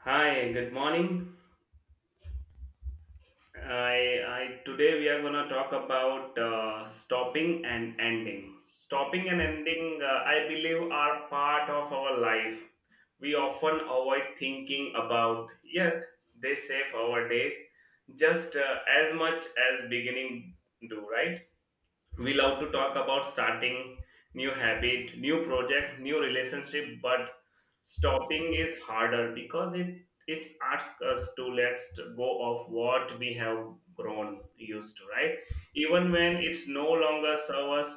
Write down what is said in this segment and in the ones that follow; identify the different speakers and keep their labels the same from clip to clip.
Speaker 1: Hi, good morning. I today we are gonna talk about stopping and ending. Stopping and ending, I believe, are part of our life. We often avoid thinking about, yet they save our days just as much as beginning do, right? We love to talk about starting new habit, new project, new relationship, but stopping is harder because it asks us to let go of what we have grown used to, right? Even when it's no longer serves us,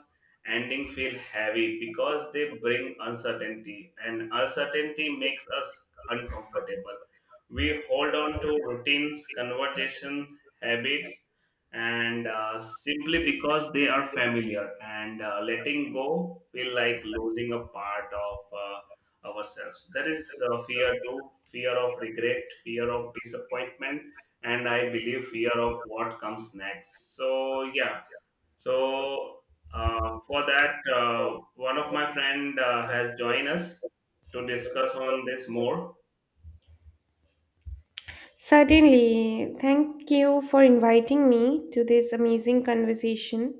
Speaker 1: ending feel heavy because they bring uncertainty, and uncertainty makes us uncomfortable. We hold on to routines, conversation, habits, and simply because they are familiar, and letting go feel like losing a part of ourselves. That is fear too: fear of regret, fear of disappointment, and I believe fear of what comes next. So yeah. So for that, one of my friend has joined us to discuss on this more.
Speaker 2: Certainly. Thank you for inviting me to this amazing conversation.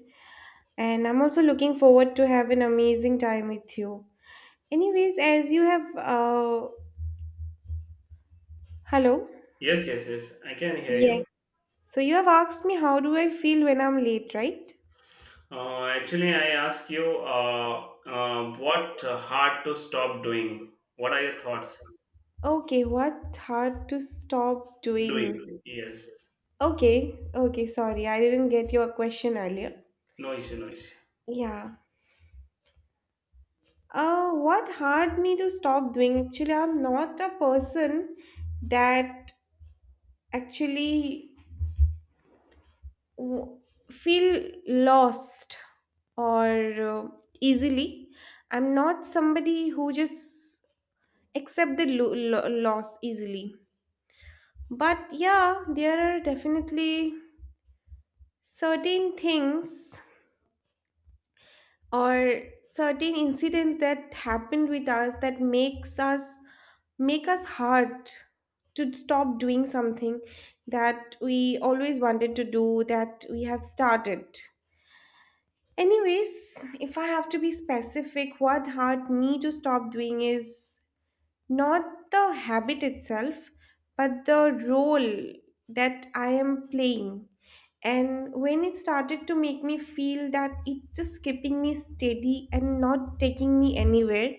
Speaker 2: And I'm also looking forward to have an amazing time with you. Anyways, as you have, hello?
Speaker 1: Yes, yes, yes, I can hear
Speaker 2: Yes.
Speaker 1: you.
Speaker 2: So you have asked me how do I feel when I'm late, right?
Speaker 1: Actually, I ask you, what hard to stop doing? What are your thoughts?
Speaker 2: Okay, what hard to stop doing?
Speaker 1: Doing, yes.
Speaker 2: Okay, okay, sorry, I didn't get your question earlier.
Speaker 1: No issue, no issue.
Speaker 2: Yeah. What hard me to stop doing? Actually, I'm not a person that actually w- feel lost or easily. I'm not somebody who just accept the loss easily, but yeah, there are definitely certain things or certain incidents that happened with us that make us hard to stop doing something that we always wanted to do, that we have started. Anyways, if I have to be specific, what hurt me to stop doing is not the habit itself, but the role that I am playing. And when it started to make me feel that it's just keeping me steady and not taking me anywhere,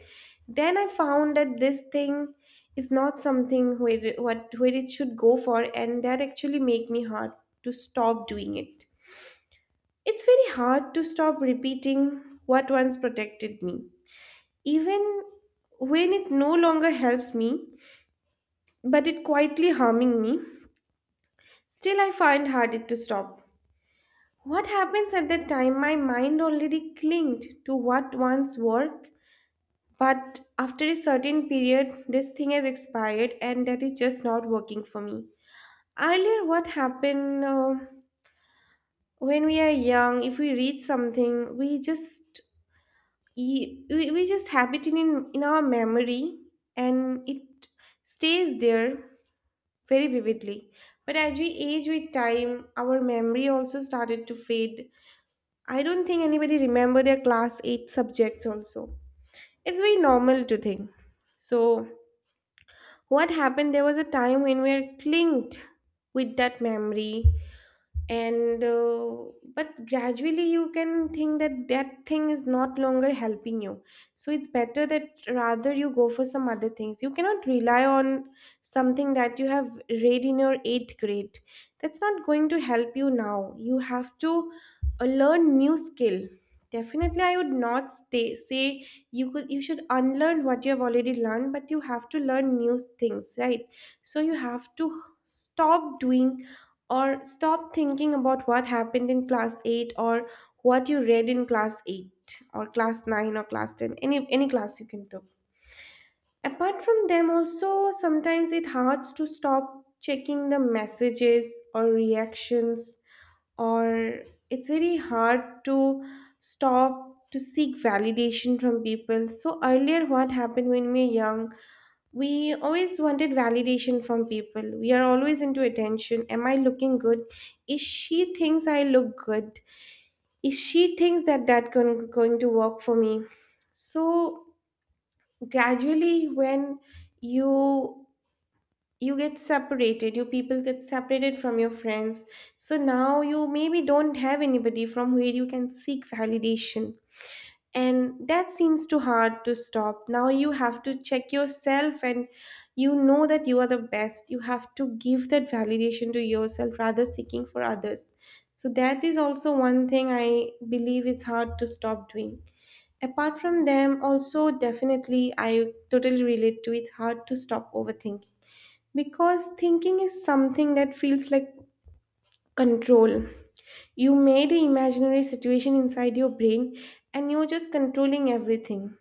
Speaker 2: then I found that this thing is not something where what where it should go for, and that actually make me hurt to stop doing it. It's very hard to stop repeating what once protected me, even when it no longer helps me, but it quietly harming me. Still, I find hard to stop. What happens at that time? My mind already clinged to what once worked, but after a certain period, this thing has expired, and that is just not working for me. Earlier, what happened? When we are young, if we read something, we just we just have it in our memory, and it stays there very vividly. But as we age with time, our memory also started to fade. I don't think anybody remember their class 8 subjects also. It's very normal to think. So what happened, there was a time when we are clinged with that memory, and but gradually you can think that that thing is not longer helping you, so it's better that rather you go for some other things. You cannot rely on something that you have read in your 8th grade. That's not going to help you now. You have to learn new skill. Definitely I would not say you could you should unlearn what you have already learned, but you have to learn new things, right? So you have to stop doing or stop thinking about what happened in class 8, or what you read in class 8 or class 9 or class 10, any class you can take. Apart from them also, sometimes it hurts to stop checking the messages or reactions, or it's very hard to stop, to seek validation from people. So earlier, what happened when we were young, we always wanted validation from people. We are always into attention. Am I looking good? Is she thinks I look good? Is she thinks that going to work for me? So gradually when you you get separated, you people get separated from your friends. So now you maybe don't have anybody from where you can seek validation, and that seems too hard to stop. Now you have to check yourself, and you know that you are the best. You have to give that validation to yourself rather seeking for others. So that is also one thing I believe is hard to stop doing. Apart from them also, definitely I totally relate to, it's hard to stop overthinking, because thinking is something that feels like control. You made an imaginary situation inside your brain, and you're just controlling everything.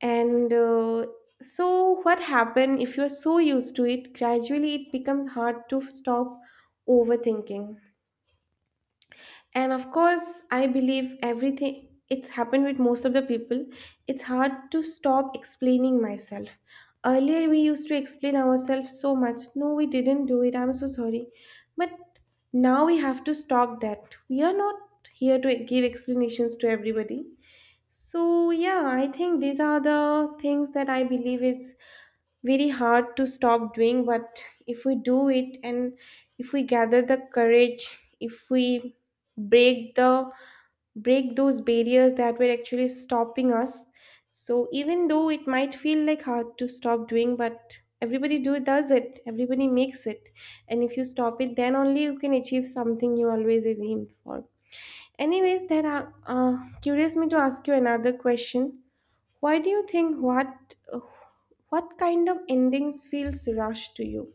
Speaker 2: And uh, so, what happens if you're so used to it, gradually it becomes hard to stop overthinking. And of course, I believe everything, it's happened with most of the people. It's hard to stop explaining myself. Earlier, we used to explain ourselves so much. No, we didn't do it. I'm so sorry. But now we have to stop that. We are not here to give explanations to everybody. So yeah, I think these are the things that I believe is very hard to stop doing. But if we do it, and if we gather the courage, if we break the break those barriers that were actually stopping us, so even though it might feel like hard to stop doing, but everybody do does it, everybody makes it, and if you stop it, then only you can achieve something you always have aimed for. Anyways, that curious me to ask you another question. Why do you think what kind of endings feels rushed to you?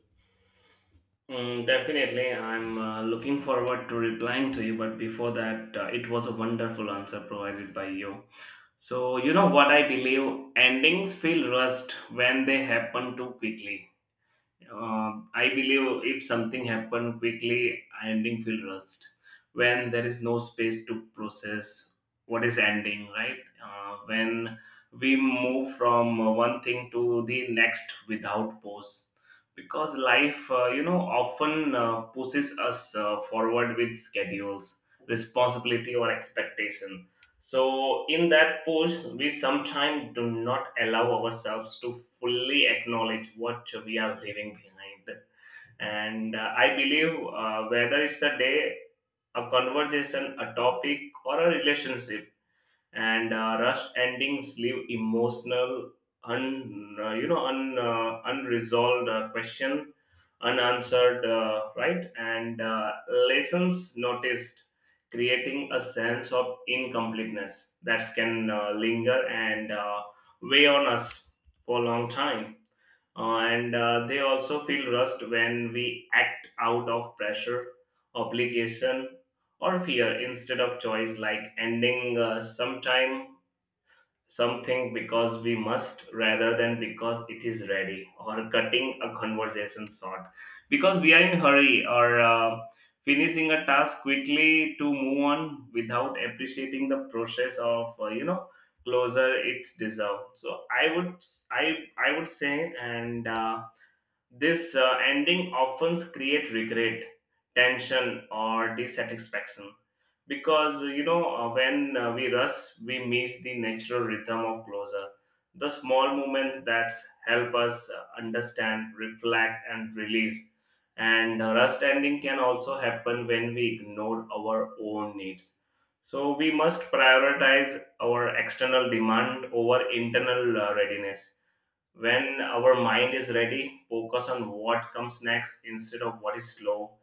Speaker 1: Mm, definitely, I'm looking forward to replying to you. But before that, it was a wonderful answer provided by you. So you know what I believe? Endings feel rushed when they happen too quickly. I believe if something happen quickly, ending feel rushed. When there is no space to process what is ending, right? When we move from one thing to the next without pause, because life, you know, often pushes us forward with schedules, responsibility, or expectation. So in that push, we sometimes do not allow ourselves to fully acknowledge what we are leaving behind. And I believe whether it's a day, a conversation, a topic, or a relationship, and rushed endings leave emotional un you know un, unresolved question, unanswered, right, and lessons noticed, creating a sense of incompleteness that can linger and weigh on us for a long time. And They also feel rust when we act out of pressure, obligation, or fear instead of choice, like ending sometime something because we must rather than because it is ready, or cutting a conversation short because we are in hurry, or finishing a task quickly to move on without appreciating the process of, you know, closer it's deserved. So I would, I would say. And this ending often create regret, tension, or dissatisfaction because, you know, when we rush, we miss the natural rhythm of closure. The small moments that help us understand, reflect, and release. And rust ending can also happen when we ignore our own needs. So we must prioritize our external demand over internal readiness when our mind is ready, focus on what comes next instead of what is slow.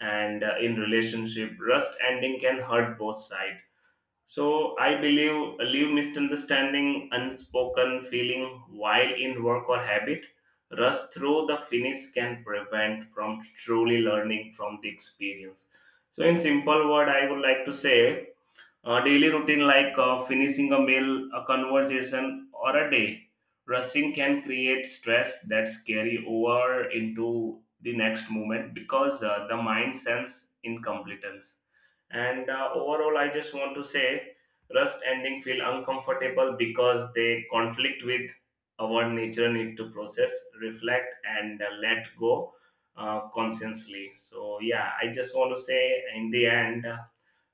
Speaker 1: And in relationship, rust ending can hurt both sides. So I believe leave misunderstanding, unspoken feeling while in work or habit. Rust through the finish can prevent from truly learning from the experience. So in simple word, I would like to say a daily routine like finishing a meal, a conversation, or a day, rushing can create stress that's carry over into the next moment because the mind sense incompetence. And overall, I just want to say rust ending feel uncomfortable because they conflict with our nature need to process, reflect, and let go consciously. So yeah, I just want to say in the end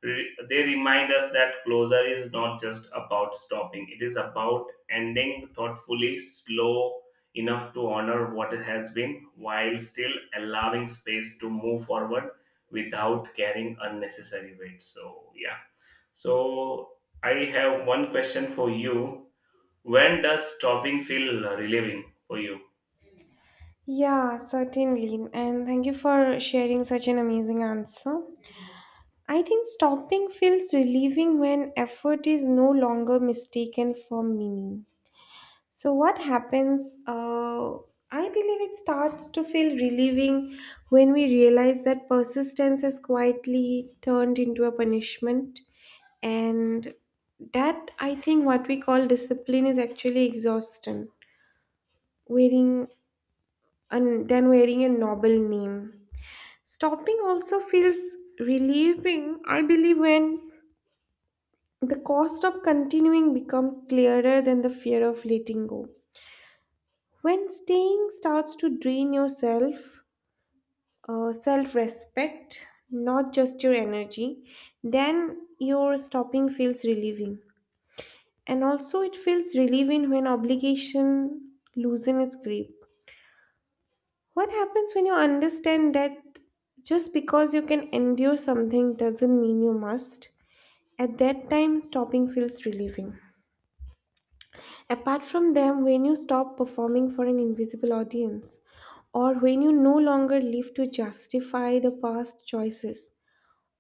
Speaker 1: they remind us that closure is not just about stopping, it is about ending thoughtfully, slow enough to honor what has been while still allowing space to move forward without carrying unnecessary weight. So yeah. So I have one question for you: when does stopping feel relieving for you?
Speaker 2: Yeah, certainly. And thank you for sharing such an amazing answer. I think stopping feels relieving when effort is no longer mistaken for meaning. So what happens? I believe it starts to feel relieving when we realize that persistence has quietly turned into a punishment, and that I think what we call discipline is actually exhaustion, wearing and then wearing a noble name. Stopping also feels relieving, I believe, when the cost of continuing becomes clearer than the fear of letting go. When staying starts to drain yourself, self respect, not just your energy, then your stopping feels relieving. And also, it feels relieving when obligation loosen its grip. What happens when you understand that just because you can endure something doesn't mean you must? At that time, stopping feels relieving. Apart from them, when you stop performing for an invisible audience, or when you no longer live to justify the past choices,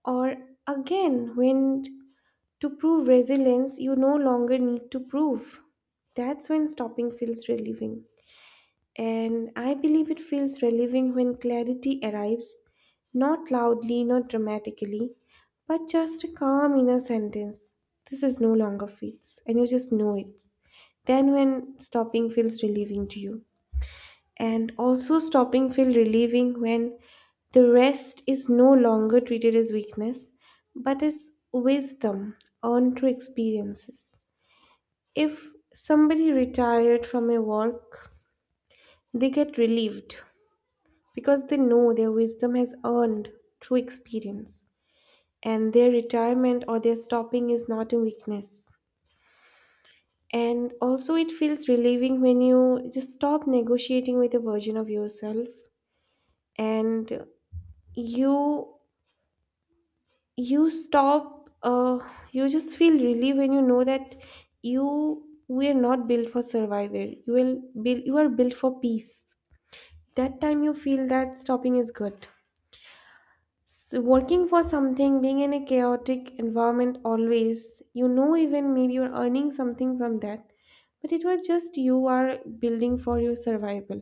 Speaker 2: or again, when to prove resilience, you no longer need to prove. That's when stopping feels relieving. And I believe it feels relieving when clarity arrives, not loudly, not dramatically, but just a calm inner sentence. This is no longer fits, and you just know it. Then, when stopping feels relieving to you, and also stopping feel relieving when the rest is no longer treated as weakness, but as wisdom earned through experiences. If somebody retired from a work, they get relieved because they know their wisdom has earned through experience, and their retirement or their stopping is not a weakness. And also it feels relieving when you just stop negotiating with a version of yourself, and you you stop, you just feel relieved when you know that you were not built for survival. You will build you are built for peace. That time you feel that stopping is good. So working for something, being in a chaotic environment always, you know, even maybe you're earning something from that, but it was just you are building for your survival.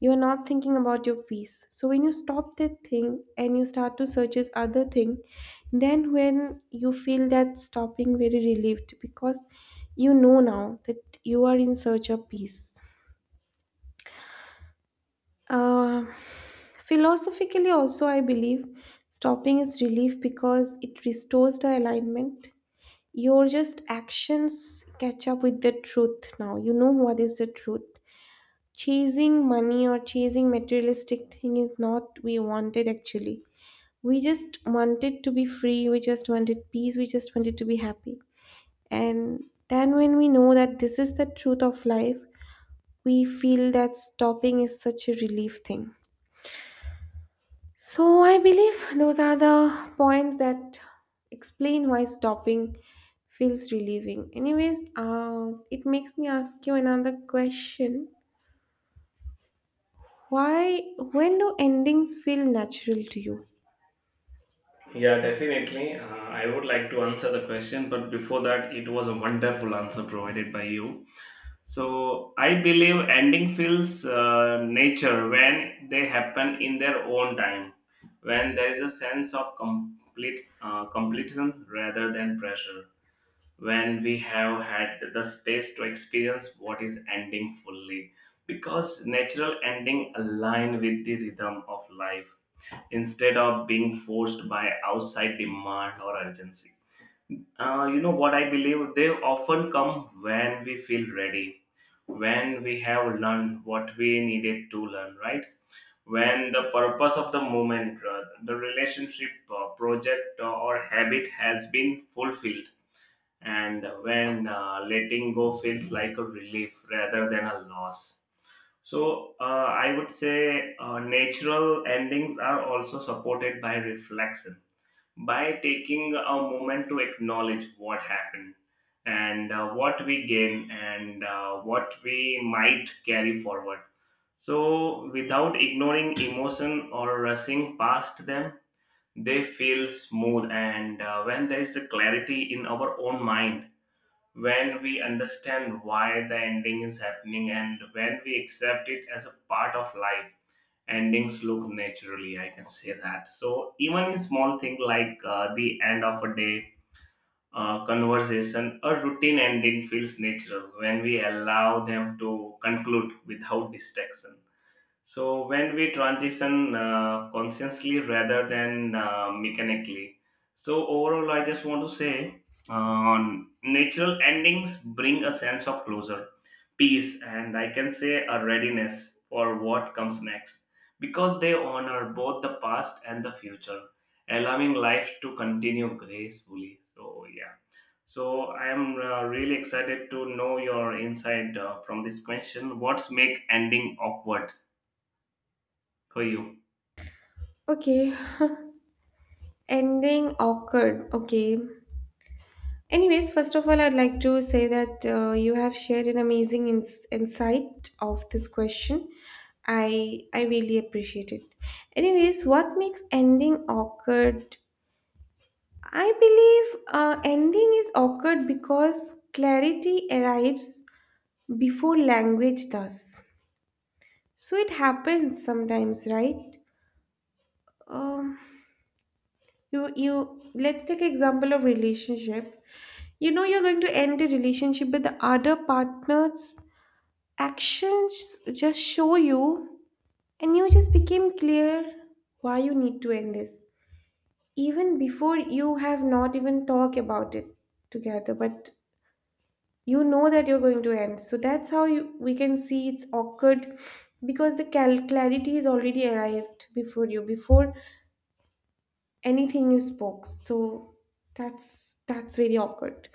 Speaker 2: You are not thinking about your peace. So when you stop that thing and you start to search this other thing, then when you feel that stopping very relieved, because you know now that you are in search of peace. Uh, philosophically, also, I believe stopping is relief because it restores the alignment. Your just actions catch up with the truth now. You know what is the truth. Chasing money or chasing materialistic thing is not we wanted actually. We just wanted to be free. We just wanted peace. We just wanted to be happy. And then when we know that this is the truth of life, we feel that stopping is such a relief thing. So I believe those are the points that explain why stopping feels relieving. Anyways, it makes me ask you another question. Why, when do endings feel natural to you?
Speaker 1: Yeah, definitely. I would like to answer the question, but before that, it was a wonderful answer provided by you. So I believe ending feels nature when they happen in their own time, when there is a sense of complete completion rather than pressure, when we have had the space to experience what is ending fully. Because natural ending align with the rhythm of life instead of being forced by outside demand or urgency. You know what I believe? They often come when we feel ready, when we have learned what we needed to learn, right, when the purpose of the movement, the relationship, project, or habit has been fulfilled, and when letting go feels like a relief rather than a loss. So I would say natural endings are also supported by reflection, by taking a moment to acknowledge what happened and what we gain and what we might carry forward, so without ignoring emotion or rushing past them, they feel smooth. And when there is a clarity in our own mind, when we understand why the ending is happening and when we accept it as a part of life, endings look naturally, I can say that. So even a small thing like the end of a day, conversation, a routine, ending feels natural when we allow them to conclude without distraction. So when we transition consciously rather than mechanically. So overall, I just want to say natural endings bring a sense of closure, peace, and I can say a readiness for what comes next, because they honor both the past and the future, allowing life to continue gracefully. So, yeah. So I am really excited to know your insight from this question. What's make ending awkward for you?
Speaker 2: Okay, ending awkward. Okay. Anyways, first of all, I'd like to say that you have shared an amazing insight of this question. I really appreciate it. Anyways, what makes ending awkward, I believe ending is occurred because clarity arrives before language does. So it happens sometimes, right? Um, you you let's take example of relationship. You know you're going to end a relationship, but the other partner's actions just show you, and you just became clear why you need to end this, even before you have not even talked about it together. But you know that you're going to end, so that's how we can see it's awkward, because the clarity is already arrived before anything you spoke. So that's very awkward.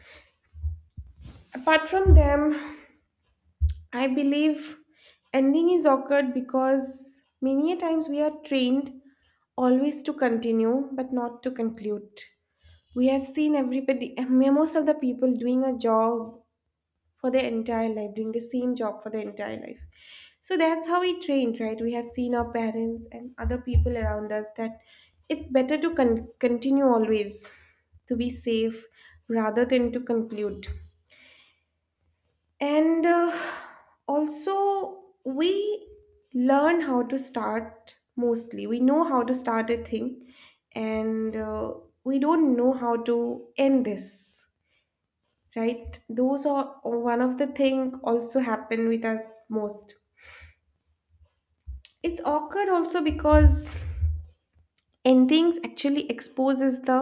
Speaker 2: Apart from them, I believe ending is awkward because many a times we are trained always to continue but not to conclude. We have seen everybody, most of the people doing a job for their entire life, doing the same job for their entire life. So that's how we trained, right? We have seen our parents and other people around us that it's better to continue always, to be safe, rather than to conclude. And also, we learn how to start mostly. We know how to start a thing, and we don't know how to end this, right? Those are one of the thing also happen with us most. It's awkward also because endings actually exposes the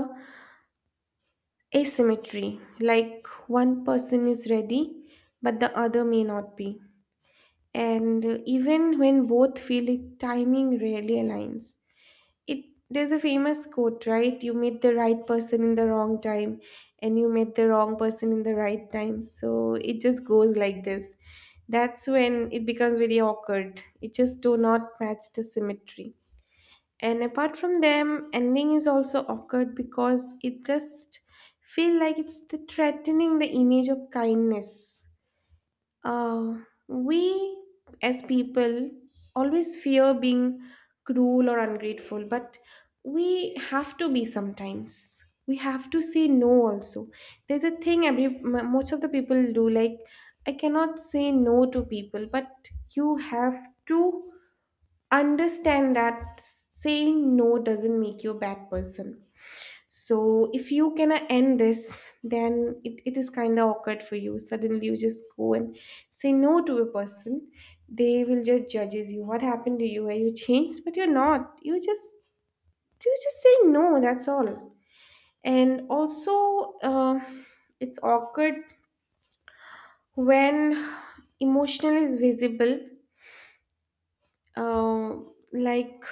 Speaker 2: asymmetry, like one person is ready but the other may not be. And even when both feel it, timing rarely aligns. It There's a famous quote, right, you meet the right person in the wrong time, and you met the wrong person in the right time, so it just goes like this. That's when it becomes very awkward, it just do not match the symmetry. And apart from them, ending is also awkward because it just feel like it's the threatening the image of kindness. uh, we as people always fear being cruel or ungrateful, but we have to be sometimes. We have to say no also. There's a thing every most of the people do, like I cannot say no to people, but you have to understand that saying no doesn't make you a bad person. So if you cannot end this, then it is kind of awkward for you. Suddenly you just go and say no to a person. They will just judges you. What happened to you? Were you changed? But you're not. You just say no. That's all. And also, it's awkward when emotional is visible. Uh, like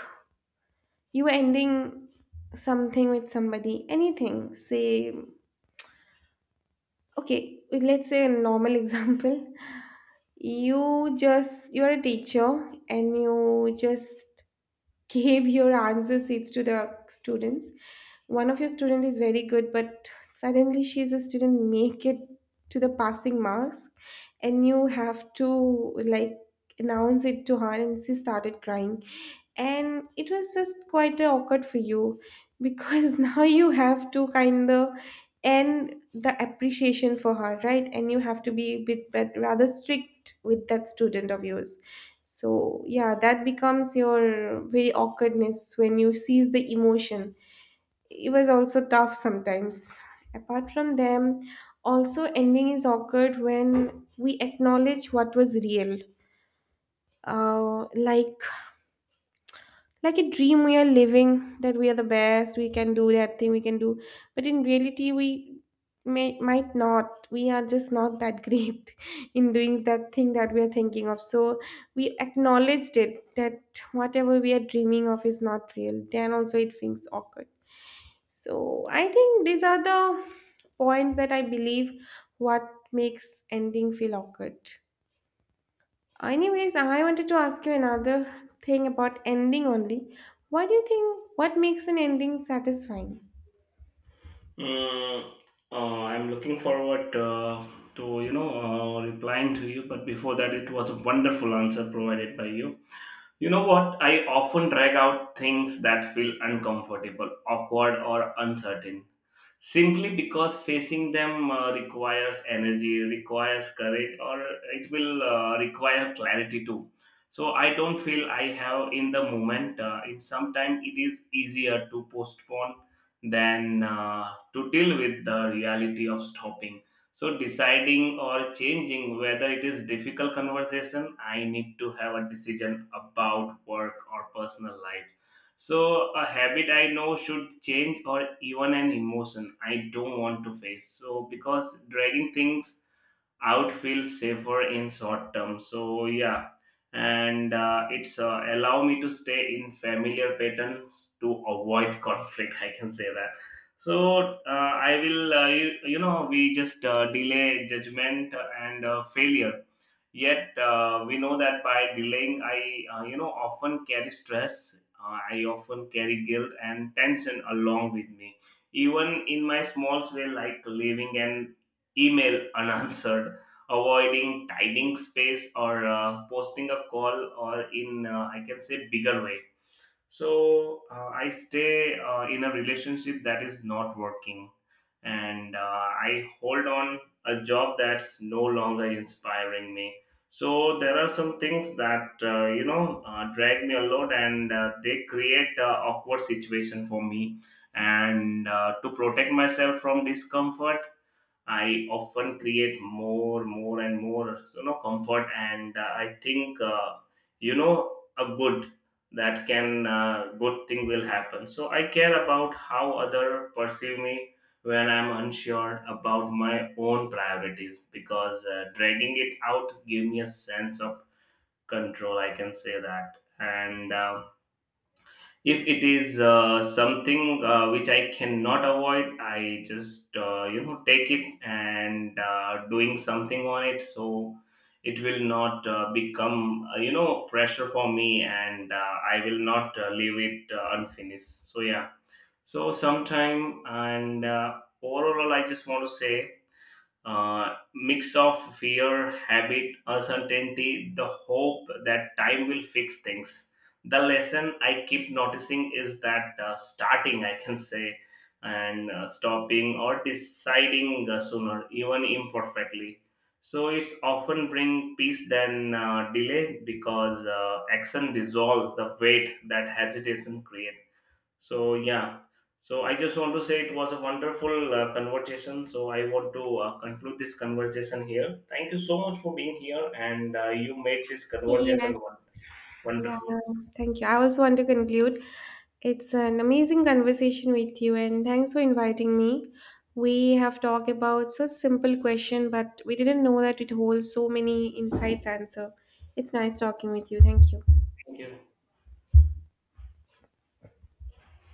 Speaker 2: you ending something with somebody, anything. Say okay. Let's say a normal example. You just, you're a teacher and you just gave your answer sheets to the students. One of your student is very good, but suddenly she just didn't make it to the passing marks, and you have to like announce it to her, and she started crying, and it was just quite awkward for you, because now you have to kind of end the appreciation for her, right, and you have to be a bit but rather strict with that student of yours. So yeah, that becomes your very awkwardness when you seize the emotion. It was also tough sometimes. Apart from them also, ending is awkward when we acknowledge what was real. Like like a dream we are living, that we are the best, we can do that thing, we can do, but in reality we may might not, we are just not that great in doing that thing that we are thinking of. So we acknowledged it that whatever we are dreaming of is not real, then also it feels awkward. So I think these are the points that I believe what makes ending feel awkward. Anyways, I wanted to ask you another thing about ending only. What do you think? What makes an ending satisfying?
Speaker 1: Mm, I'm looking forward, to, you know, replying to you, but before that, it was a wonderful answer provided by you. You know what? I often drag out things that feel uncomfortable, awkward, or uncertain simply because facing them requires energy, requires courage, or it will require clarity too. So I don't feel I have in the moment, it sometimes it is easier to postpone than to deal with the reality of stopping. So deciding or changing, whether it is difficult conversation, I need to have a decision about work or personal life, so a habit I know should change, or even an emotion I don't want to face. So because dragging things out feels safer in short term. So yeah, and it's, allow me to stay in familiar patterns to avoid conflict. I can say that. So I will, you, you know, we just delay judgment and failure. Yet we know that by delaying, I, you know, often carry stress. I often carry guilt and tension along with me, even in my small way like leaving an email unanswered, avoiding tidying space, or posting a call, or in, I can say, bigger way. So I stay in a relationship that is not working, and I hold on a job that's no longer inspiring me. So there are some things that, you know, drag me a lot, and they create a awkward situation for me, and to protect myself from discomfort I often create more, more, and more, you know, comfort. And I think, you know, a good that can, good thing will happen. So I care about how other perceive me when I'm unsure about my own priorities, because dragging it out give me a sense of control. I can say that. And if it is something which I cannot avoid, I just, you know, take it and doing something on it, so it will not become, you know, pressure for me, and I will not leave it unfinished. So yeah. So sometime. And Overall, I just want to say mix of fear, habit, uncertainty, the hope that time will fix things. The lesson I keep noticing is that starting, I can say, and stopping or deciding sooner, even imperfectly. So it's often bring peace than delay, because action dissolve the weight that hesitation create. So yeah. So I just want to say it was a wonderful conversation. So I want to conclude this conversation here. Thank you so much for being here, and you made this
Speaker 2: Yes.
Speaker 1: conversation
Speaker 2: Yeah,
Speaker 1: wonderful.
Speaker 2: thank you. I also want to conclude. It's an amazing conversation with you, and thanks for inviting me. We have talked about such simple question, but we didn't know that it holds so many insights answer. It's nice talking with you. Thank you.
Speaker 1: Thank you.